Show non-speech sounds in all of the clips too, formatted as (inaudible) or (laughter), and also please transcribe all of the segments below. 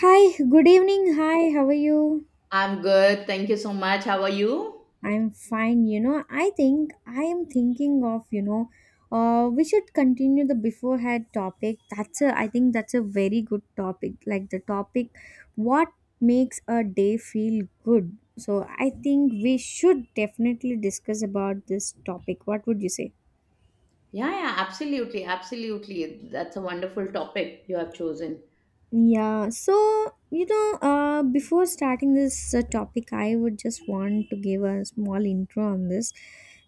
Hi, good evening. Hi, how are you? I'm good. Thank you so much. How are you? I'm fine. You know, I think I am thinking of, you know, We should continue the beforehand topic. I think that's a very good topic. Like the topic, what makes a day feel good? So I think we should definitely discuss about this topic. What would you say? Yeah, yeah, absolutely. Absolutely. That's a wonderful topic you have chosen. Yeah, before starting this topic, I would just want to give a small intro on this.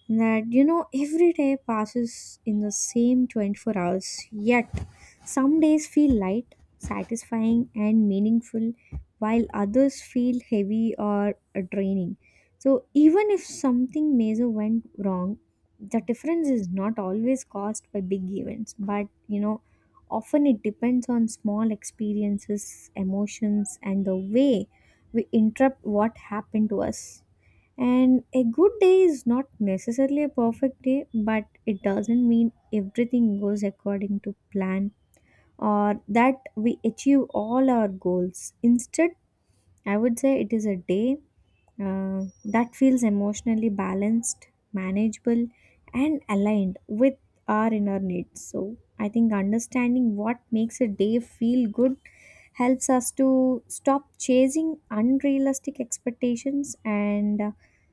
Every day passes in the same 24 hours, yet some days feel light, satisfying, and meaningful, while others feel heavy or draining. So, even if something major went wrong, the difference is not always caused by big events, but often it depends on small experiences, emotions, and the way we interpret what happened to us. And a good day is not necessarily a perfect day, but it doesn't mean everything goes according to plan or that we achieve all our goals. Instead, I would say it is a day that feels emotionally balanced, manageable, and aligned with our inner needs. So, I think understanding what makes a day feel good helps us to stop chasing unrealistic expectations and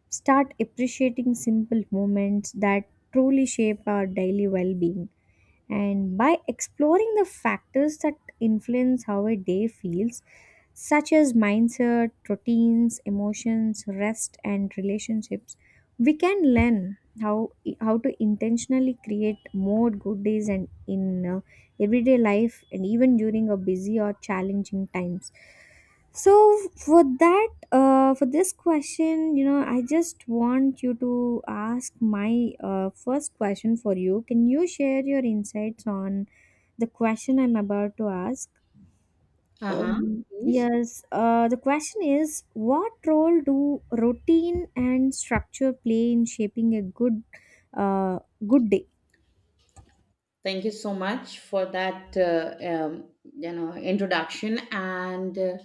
start appreciating simple moments that truly shape our daily well being. And by exploring the factors that influence how a day feels, such as mindset, routines, emotions, rest, and relationships. We can learn how to intentionally create more good days and in everyday life and even during a busy or challenging times. So for that, for this question, I just want you to ask my first question for you. Can you share your insights on the question I'm about to ask? Uh-huh. Please. Yes, the question is, what role do routine and structure play in shaping a uh, good day? Thank you so much for that introduction and uh,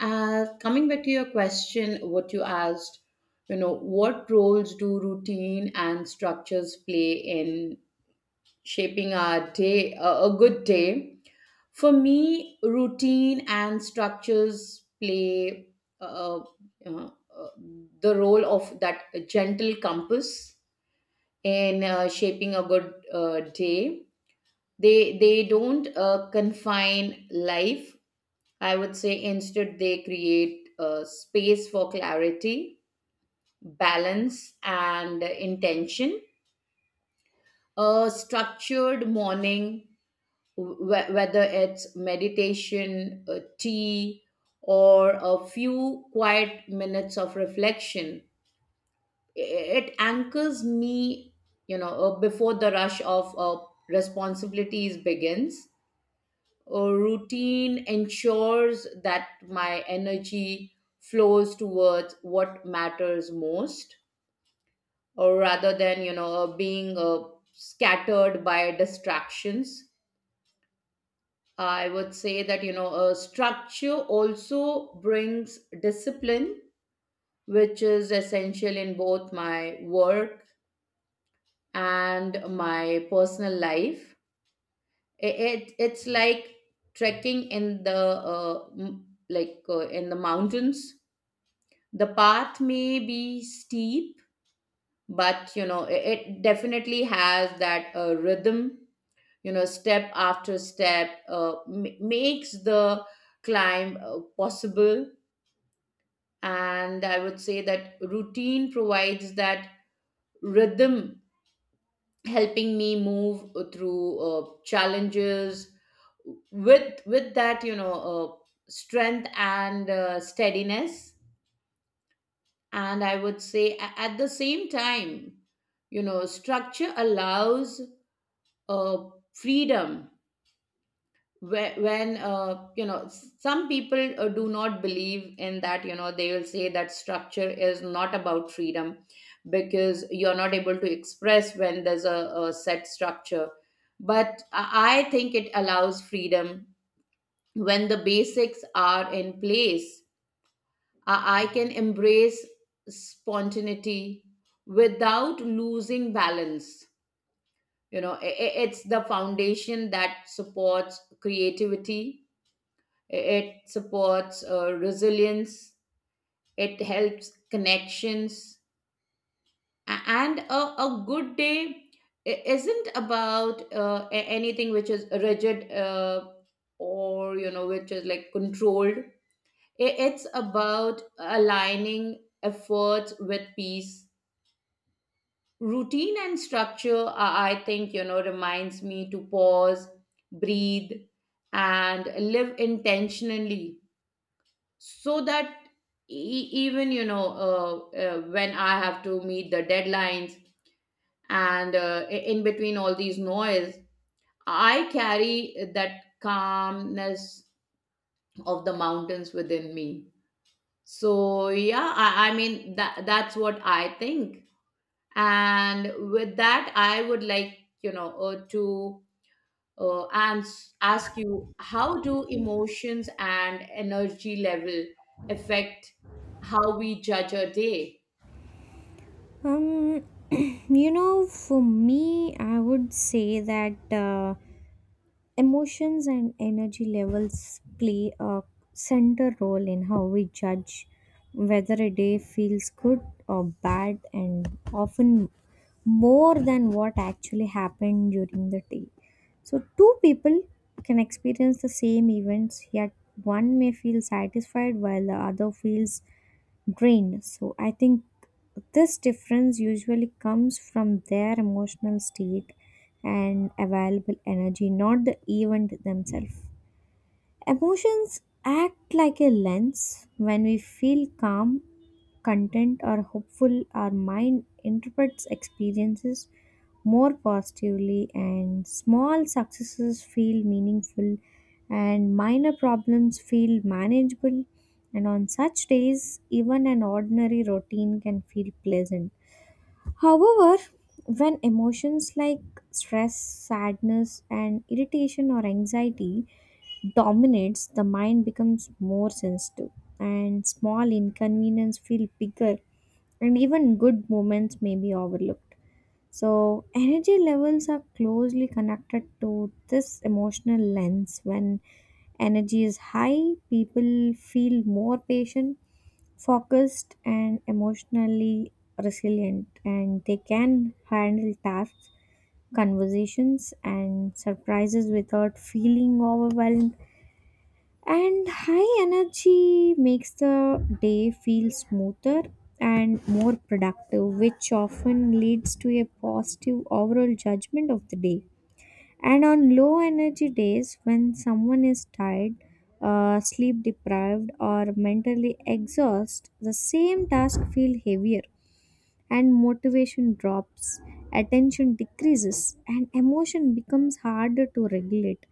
uh, coming back to your question, what you asked, you know, what roles do routine and structures play in shaping our day, a good day. For me, routine and structures play uh, uh, uh, the role of that gentle compass in shaping a good day. They don't confine life. I would say instead they create space for clarity, balance, and intention. A structured morning, whether it's meditation, tea, or a few quiet minutes of reflection, it anchors me, before the rush of responsibilities begins. A routine ensures that my energy flows towards what matters most, or rather than being scattered by distractions. I would say that, you know, a structure also brings discipline, which is essential in both my work and my personal life. It's like trekking in the in the mountains. The path may be steep, but you know, it definitely has that rhythm. You know, step after step makes the climb possible, and I would say that routine provides that rhythm, helping me move through challenges with that strength and steadiness. And I would say at the same time, you know, structure allows uh, freedom. When you know, some people do not believe in that, you know, they will say that structure is not about freedom because you're not able to express when there's a set structure, but I think it allows freedom. When the basics are in place, I can embrace spontaneity without losing balance. You know, it's the foundation that supports creativity, it supports resilience, it helps connections. And a good day isn't about anything which is rigid or you know which is like controlled. I- It's about aligning efforts with peace. Routine and structure, I think, you know, reminds me to pause, breathe, and live intentionally, so that even when I have to meet the deadlines and in between all these noise, I carry that calmness of the mountains within me. So yeah, I mean that's what I think. And with that, I would like to ask you, how do emotions and energy level affect how we judge a day? Um, (clears throat) you know, for me, I would say that emotions and energy levels play a center role in how we judge whether a day feels good or bad, and often more than what actually happened during the day. So, two people can experience the same events, yet one may feel satisfied while the other feels drained. So I think this difference usually comes from their emotional state and available energy, not the event themselves. Emotions act like a lens. When we feel calm, content, or hopeful, our mind interprets experiences more positively, and small successes feel meaningful, and minor problems feel manageable. And on such days, even an ordinary routine can feel pleasant. However, when emotions like stress, sadness, and irritation or anxiety dominates, the mind becomes more sensitive, and small inconvenience feel bigger, and even good moments may be overlooked. So, energy levels are closely connected to this emotional lens. When energy is high, people feel more patient, focused, and emotionally resilient, and they can handle tasks, conversations, and surprises without feeling overwhelmed, and high energy makes the day feel smoother and more productive, which often leads to a positive overall judgment of the day. And on low energy days, when someone is tired, sleep deprived, or mentally exhausted, the same task feel heavier and motivation drops, attention decreases, and emotion becomes harder to regulate.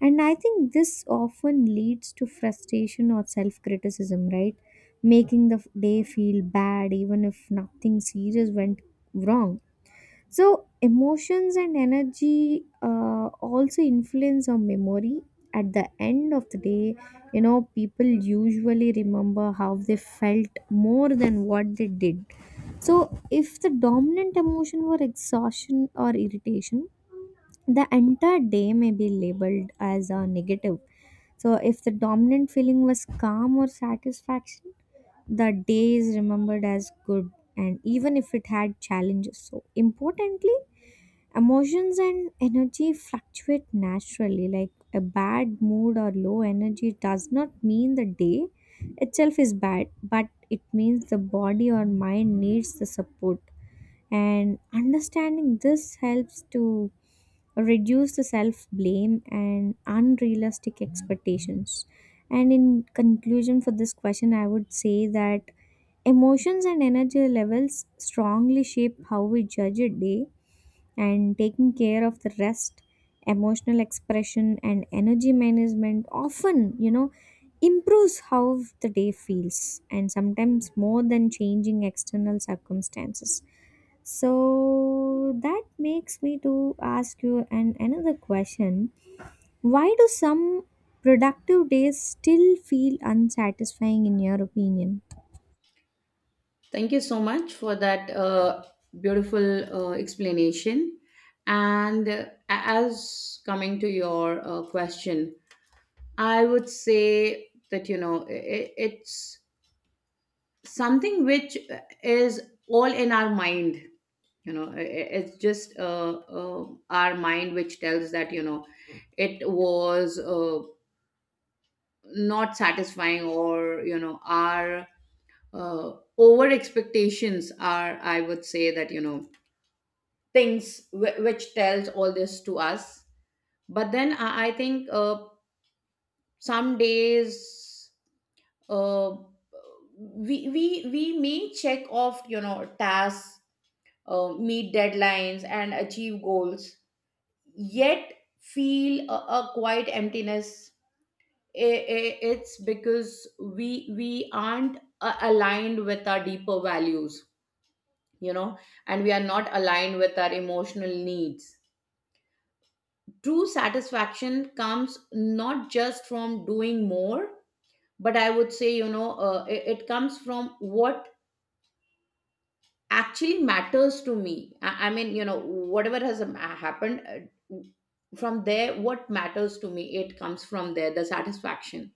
And I think this often leads to frustration or self criticism, right? Making the day feel bad even if nothing serious went wrong. So, emotions and energy also influence our memory. At the end of the day, you know, people usually remember how they felt more than what they did. So, if the dominant emotion were exhaustion or irritation, the entire day may be labeled as a negative. So, if the dominant feeling was calm or satisfaction, the day is remembered as good, and even if it had challenges. So, importantly, emotions and energy fluctuate naturally, like a bad mood or low energy does not mean the day itself is bad, but it means the body or mind needs the support. And understanding this helps to reduce the self blame and unrealistic expectations. And in conclusion, for this question, I would say that emotions and energy levels strongly shape how we judge a day, and taking care of the rest, emotional expression, and energy management often, you know, improves how the day feels, and sometimes more than changing external circumstances. So that makes me to ask you an another question. Why do some productive days still feel unsatisfying in your opinion? Thank you so much for that beautiful explanation. And as coming to your question, I would say that you know, it's something which is all in our mind. You know, it's just our mind which tells that, you know, it was not satisfying, or you know, our over expectations are, I would say that you know, things which tells all this to us. But then I think some days uh, we may check off, you know, tasks, meet deadlines and achieve goals, yet feel a quiet emptiness. It's because we we aren't aligned with our deeper values, you know, and we are not aligned with our emotional needs. True satisfaction comes not just from doing more, but I would say, you know, it comes from what actually matters to me. I mean, you know, whatever has happened, from there what matters to me, it comes from there, the satisfaction.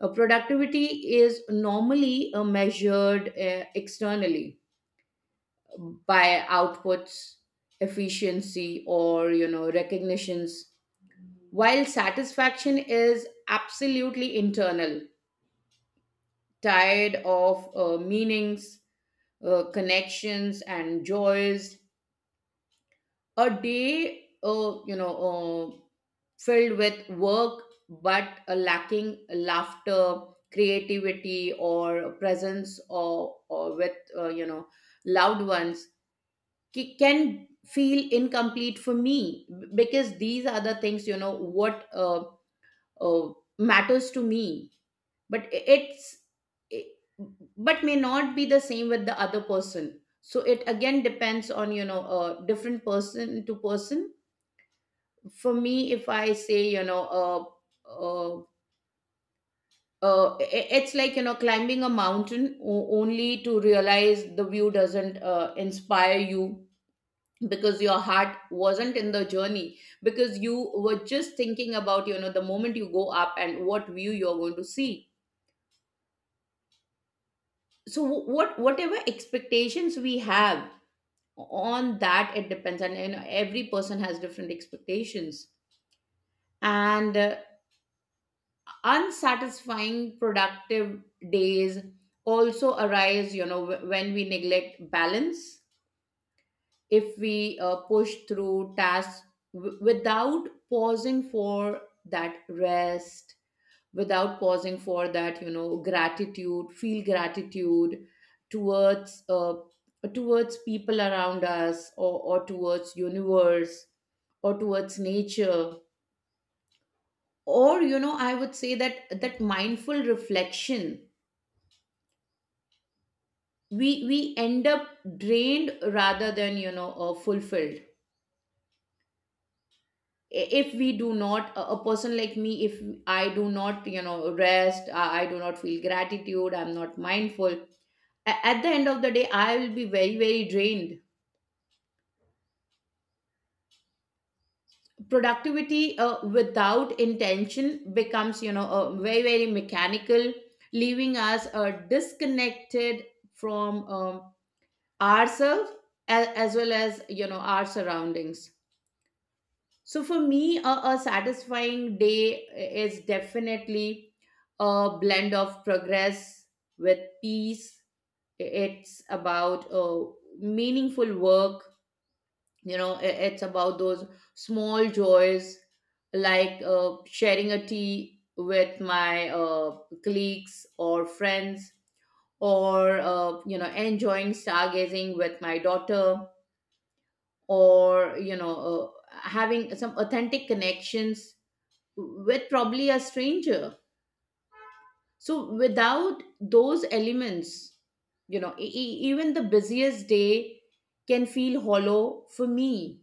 Productivity is normally measured externally, by outputs, efficiency, or you know, recognitions, while satisfaction is absolutely internal, tired of meanings, connections, and joys. A day, uh, filled with work but lacking laughter, creativity or presence, or with, you know, loved ones, can feel incomplete for me, b- because these are the things, you know, what uh, matters to me. But i- but may not be the same with the other person, so it again depends on, you know, different person to person. For me, if I say, you know, uh, it's like, you know, climbing a mountain only to realize the view doesn't inspire you because your heart wasn't in the journey, because you were just thinking about, you know, the moment you go up and what view you're going to see. So whatever expectations we have, on that it depends, and you know, every person has different expectations. And unsatisfying productive days also arise, you know, when we neglect balance. If we push through tasks without pausing for that rest, without pausing for that, you know, gratitude, feel gratitude towards towards people around us, or towards universe, or towards nature, or you know, I would say that mindful reflection, we end up drained rather than, you know, fulfilled. I- if we do not, a a person like me, if I do not, you know, rest, I i do not feel gratitude, I'm not mindful, at the end of the day I will be very very drained. Productivity without intention becomes, you know, very very mechanical, leaving us disconnected from ourselves, as well as, you know, our surroundings. So for me, a satisfying day is definitely a blend of progress with peace. It's about meaningful work. You know, it's about those small joys, like sharing a tea with my colleagues or friends, or you know, enjoying stargazing with my daughter, or you know, having some authentic connections with probably a stranger. So without those elements, you know, even the busiest day can feel hollow for me.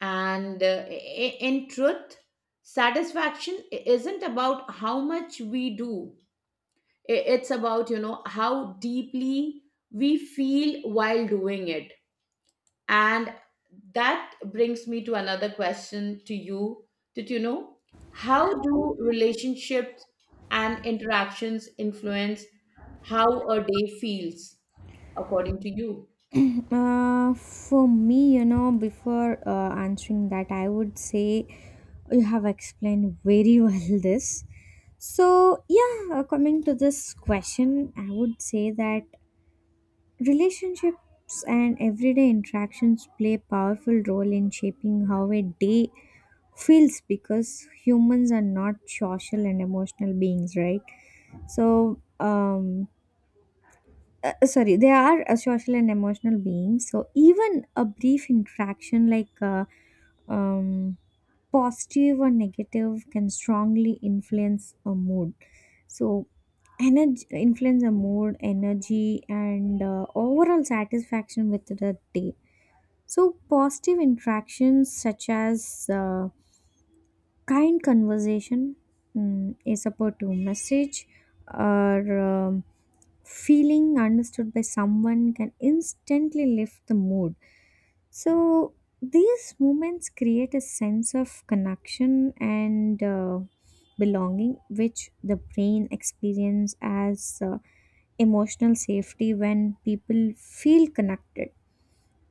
And in truth, satisfaction isn't about how much we do. I- It's about, you know, how deeply we feel while doing it. And that brings me to another question to you. Did you know how do relationships and interactions influence how a day feels, according to you? For me, you know, before answering that, I would say you have explained very (laughs) well this. So, yeah, coming to this question, I would say that relationships and everyday interactions play a powerful role in shaping how a day feels because humans are not social and emotional beings, right? So, sorry, they are a social and emotional beings, so even a brief interaction like um, positive or negative can strongly influence a mood. So energy influence a mood, energy, and overall satisfaction with the day. So positive interactions, such as kind conversation, is supposed to message or feeling understood by someone can instantly lift the mood. So these moments create a sense of connection and belonging, which the brain experience as emotional safety. When people feel connected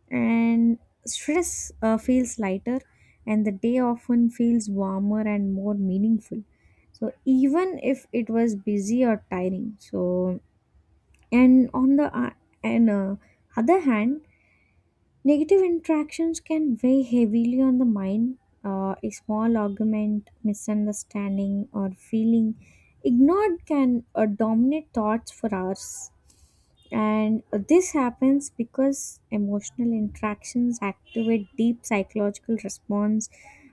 and stress feels lighter, and the day often feels warmer and more meaningful, so even if it was busy or tiring. So and on the uh, and uh, other hand, negative interactions can weigh heavily on the mind. A small argument, misunderstanding, or feeling ignored can dominate thoughts for hours. And this happens because emotional interactions activate deep psychological response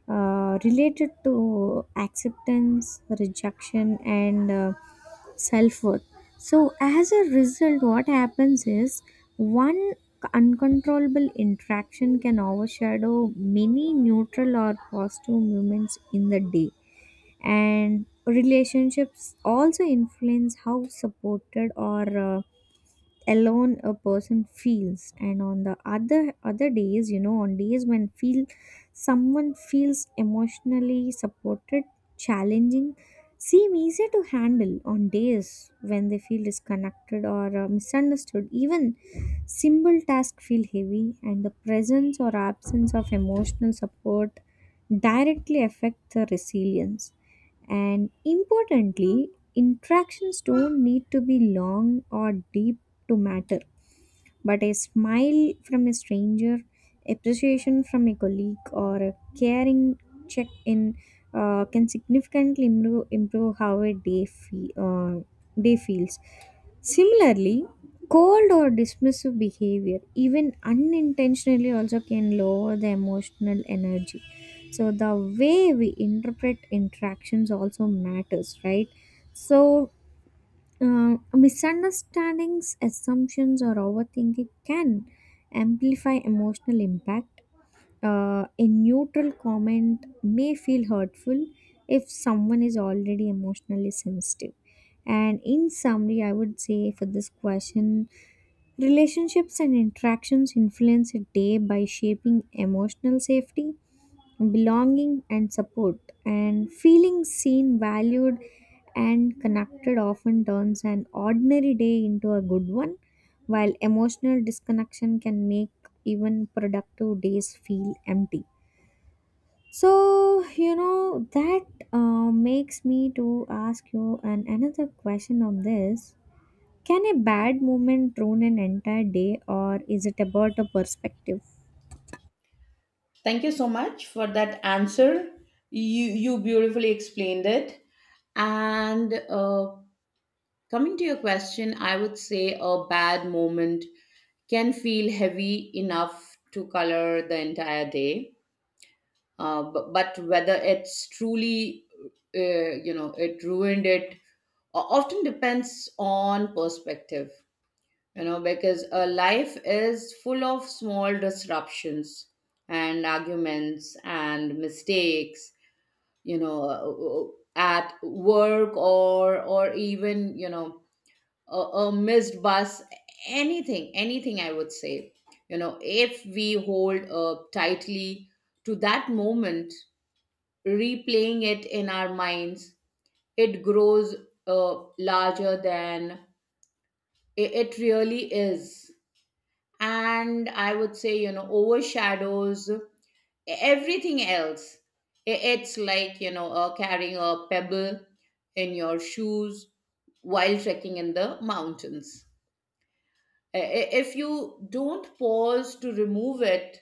related to acceptance, rejection, and self worth. So, as a result, what happens is one uncontrollable interaction can overshadow many neutral or positive moments in the day, and relationships also influence how supported or uh, alone a person feels. And on the other days, you know, on days when feel someone feels emotionally supported, challenging seem easier to handle. On days when they feel disconnected or misunderstood, even simple tasks feel heavy, and the presence or absence of emotional support directly affect the resilience. And importantly, interactions don't need to be long or deep to matter. But a smile from a stranger, appreciation from a colleague, or a caring check in can significantly improve how a day feels. Similarly, cold or dismissive behavior, even unintentionally, also can lower the emotional energy. So, the way we interpret interactions also matters, right? So, misunderstandings, assumptions, or overthinking can amplify emotional impact. Uh, a neutral comment may feel hurtful if someone is already emotionally sensitive. And in summary, I would say for this question, relationships and interactions influence a day by shaping emotional safety, belonging, and support. And feeling seen, valued, and connected often turns an ordinary day into a good one, while emotional disconnection can make even productive days feel empty. So, you know, that makes me to ask you an, another question on this. Can a bad moment ruin an entire day, or is it about a perspective? Thank you so much for that answer. You beautifully explained it. And coming to your question, I would say a bad moment can feel heavy enough to color the entire day, but whether it's truly you know it ruined it often depends on perspective. You know, because a life is full of small disruptions and arguments and mistakes, you know, at work or even, you know, a missed bus, anything, anything I would say, you know, if we hold tightly to that moment, replaying it in our minds, it grows larger than it really is. And I would say, you know, overshadows everything else. I- It's like, you know, carrying a pebble in your shoes while trekking in the mountains. If you don't pause to remove it,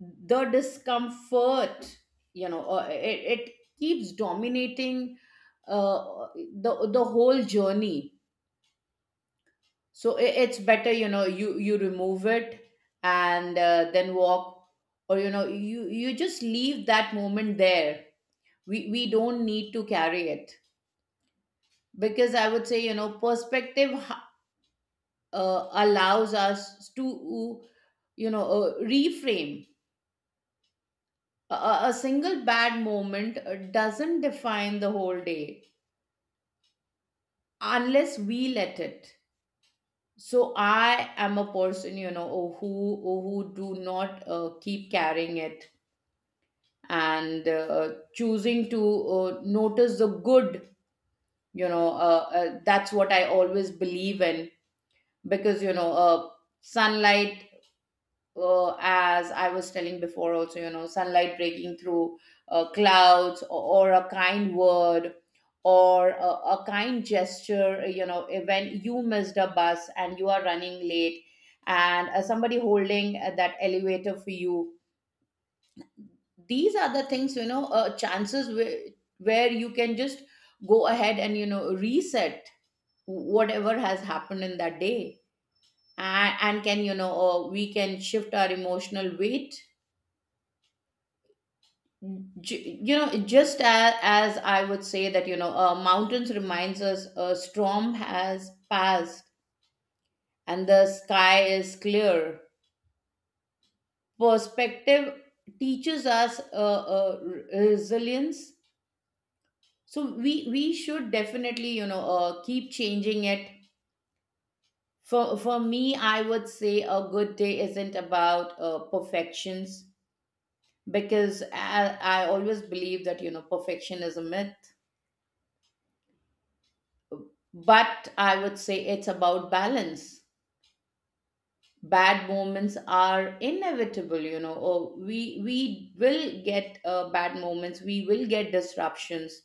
the discomfort, you know, it keeps dominating uh, the whole journey. So I it's better, you know, you remove it and then walk, or you know, you just leave that moment there. We don't need to carry it, because I would say, you know, perspective allows us to, you know, reframe. A, a single bad moment doesn't define the whole day unless we let it. So I am a person, you know, who do not keep carrying it, and choosing to notice the good. You know, that's what I always believe in, because you know, sunlight, as I was telling before, also, you know, sunlight breaking through clouds, or a kind word, or a kind gesture, you know, when you missed a bus and you are running late, and somebody holding that elevator for you. These are the things, you know, chances where, you can just go ahead and, you know, reset whatever has happened in that day, and, can, you know, we can shift our emotional weight. You know, just as I would say, that you know, mountains reminds us, a storm has passed and the sky is clear. Perspective teaches us resilience. So we should definitely, you know, keep changing it. For me, I would say a good day isn't about perfections, because I always believe that, you know, perfection is a myth. But I would say it's about balance. Bad moments are inevitable, you know. Or we will get bad moments. We will get disruptions.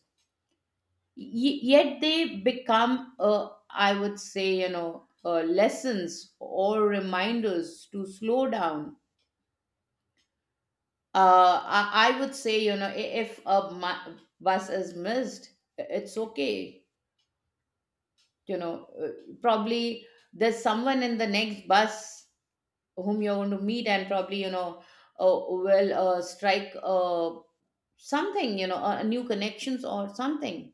Yet they become, I would say, you know, lessons or reminders to slow down. I would say, you know, if a bus is missed, it's okay. You know, probably there's someone in the next bus whom you're going to meet, and probably, you know, strike something, you know, new connections or something.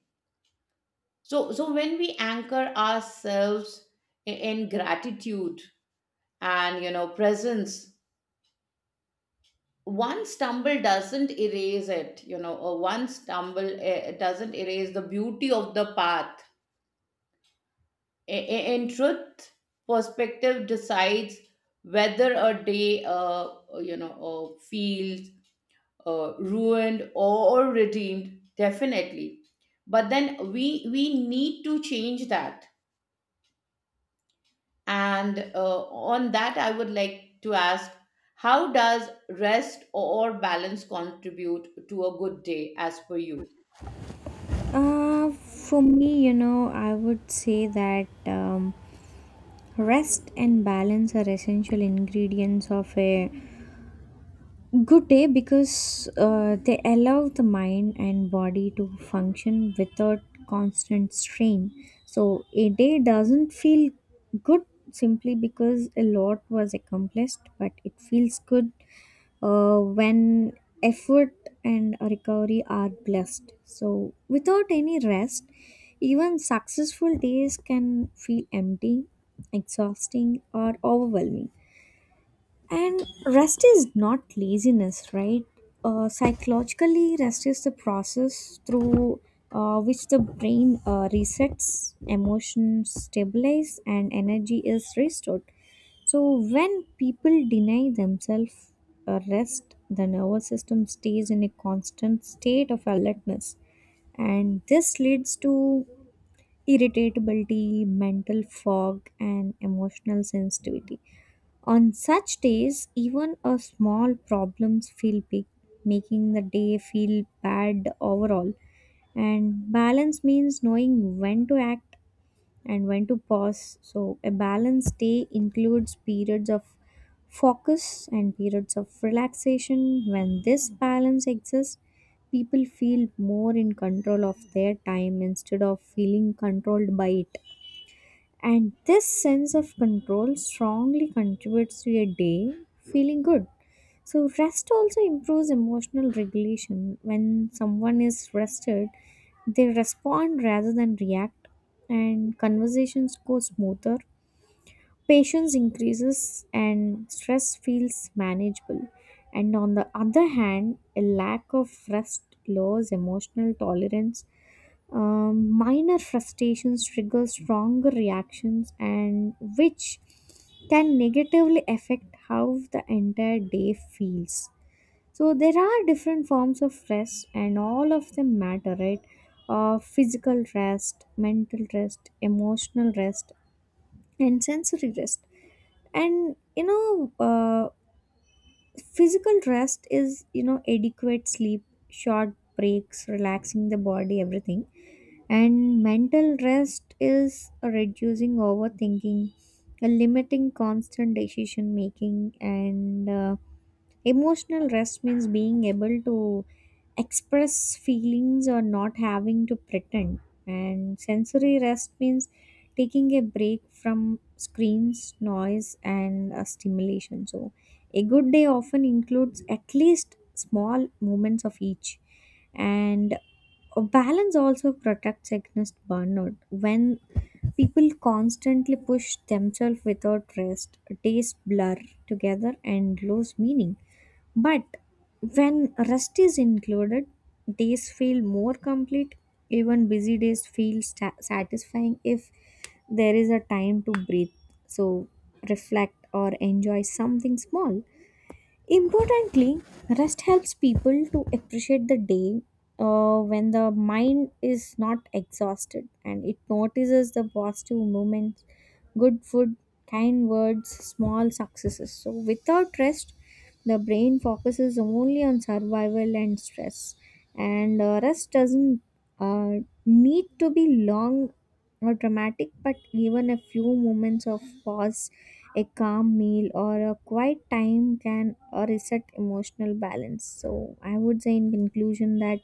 So when we anchor ourselves in gratitude and, you know, presence, one stumble doesn't erase it, you know, or one stumble doesn't erase the beauty of the path. In truth, perspective decides whether a day feels ruined or redeemed, definitely. But then we need to change that. And on that, I would like to ask, how does rest or balance contribute to a good day, as per you? For me, you know, I would say that rest and balance are essential ingredients of a good day because they allow the mind and body to function without constant strain. So a day doesn't feel good simply because a lot was accomplished, but it feels good when effort and recovery are blessed. So without any rest, even successful days can feel empty, exhausting, or overwhelming. And rest is not laziness, right? Psychologically, rest is the process through which the brain resets, emotions stabilize, and energy is restored. So, when people deny themselves a rest, the nervous system stays in a constant state of alertness, and this leads to irritability, mental fog, and emotional sensitivity. On such days, even a small problems feel big, making the day feel bad overall. And balance means knowing when to act and when to pause. So, a balanced day includes periods of focus and periods of relaxation. When this balance exists, people feel more in control of their time instead of feeling controlled by it. And this sense of control strongly contributes to your day feeling good. So, rest also improves emotional regulation. When someone is rested, they respond rather than react, and conversations go smoother. Patience increases, and stress feels manageable. And on the other hand, a lack of rest lowers emotional tolerance. Minor frustrations trigger stronger reactions, and which can negatively affect how the entire day feels. So there are different forms of rest, and all of them matter, right? Physical rest, mental rest, emotional rest, and sensory rest. And you know, physical rest is, you know, adequate sleep, short breaks, relaxing the body, everything. And mental rest is reducing overthinking, limiting constant decision making, and emotional rest means being able to express feelings or not having to pretend. And sensory rest means taking a break from screens, noise, and stimulation. So, a good day often includes at least small moments of each, and a balance also protects against burnout. When people constantly push themselves without rest, days blur together and lose meaning. But when rest is included, days feel more complete. Even busy days feel satisfying if there is a time to breathe. So reflect or enjoy something small. Importantly, rest helps people to appreciate the day. When the mind is not exhausted, and it notices the positive moments, good food, kind words, small successes. So, without rest, the brain focuses only on survival and stress. And rest doesn't need to be long or dramatic, but even a few moments of pause, a calm meal, or a quiet time can reset emotional balance. So, I would say in conclusion that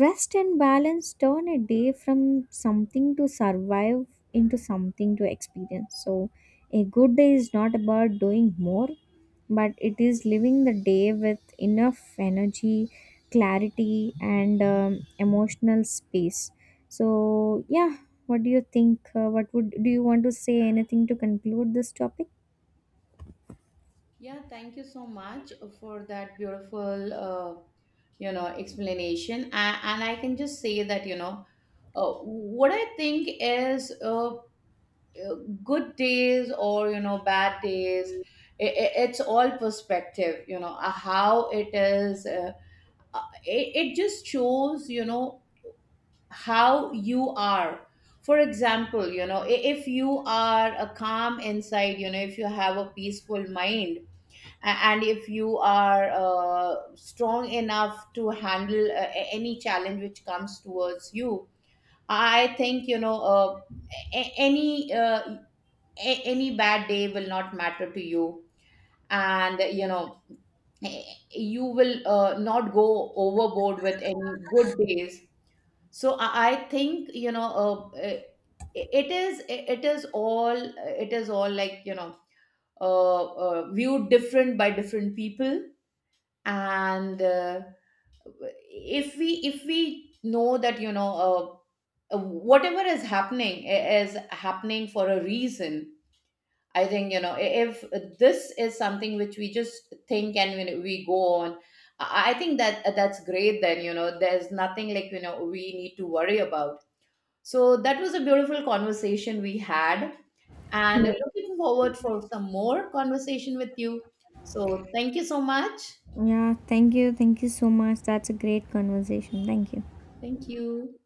rest and balance turn a day from something to survive into something to experience. So, a good day is not about doing more, but it is living the day with enough energy, clarity, and emotional space. So, yeah, what do you think? What would do you want to say anything to conclude this topic? Yeah, thank you so much for that beautiful you know explanation. And I can just say that, you know, what I think is, uh, good days or, you know, bad days, I it's all perspective. You know, how it is, it just shows, you know, how you are. For example, you know, if you are a calm inside, you know, if you have a peaceful mind, and if you are strong enough to handle any challenge which comes towards you, I think, you know, any any bad day will not matter to you. And you know, eh, you will not go overboard with any good days. So I think, you know, uh, uh, it is it is all it is all like, you know, viewed different by different people. And if we know that, you know, whatever is happening is happening for a reason. I think, you know, if this is something which we just think and, you know, we go on, I think that that's great. Then, you know, there's nothing like, you know, we need to worry about. So that was a beautiful conversation we had, and Yeah, looking forward for some more conversation with you. So thank you so much. yeah, thank you. Thank you so much. That's a great conversation. Thank you. Thank you.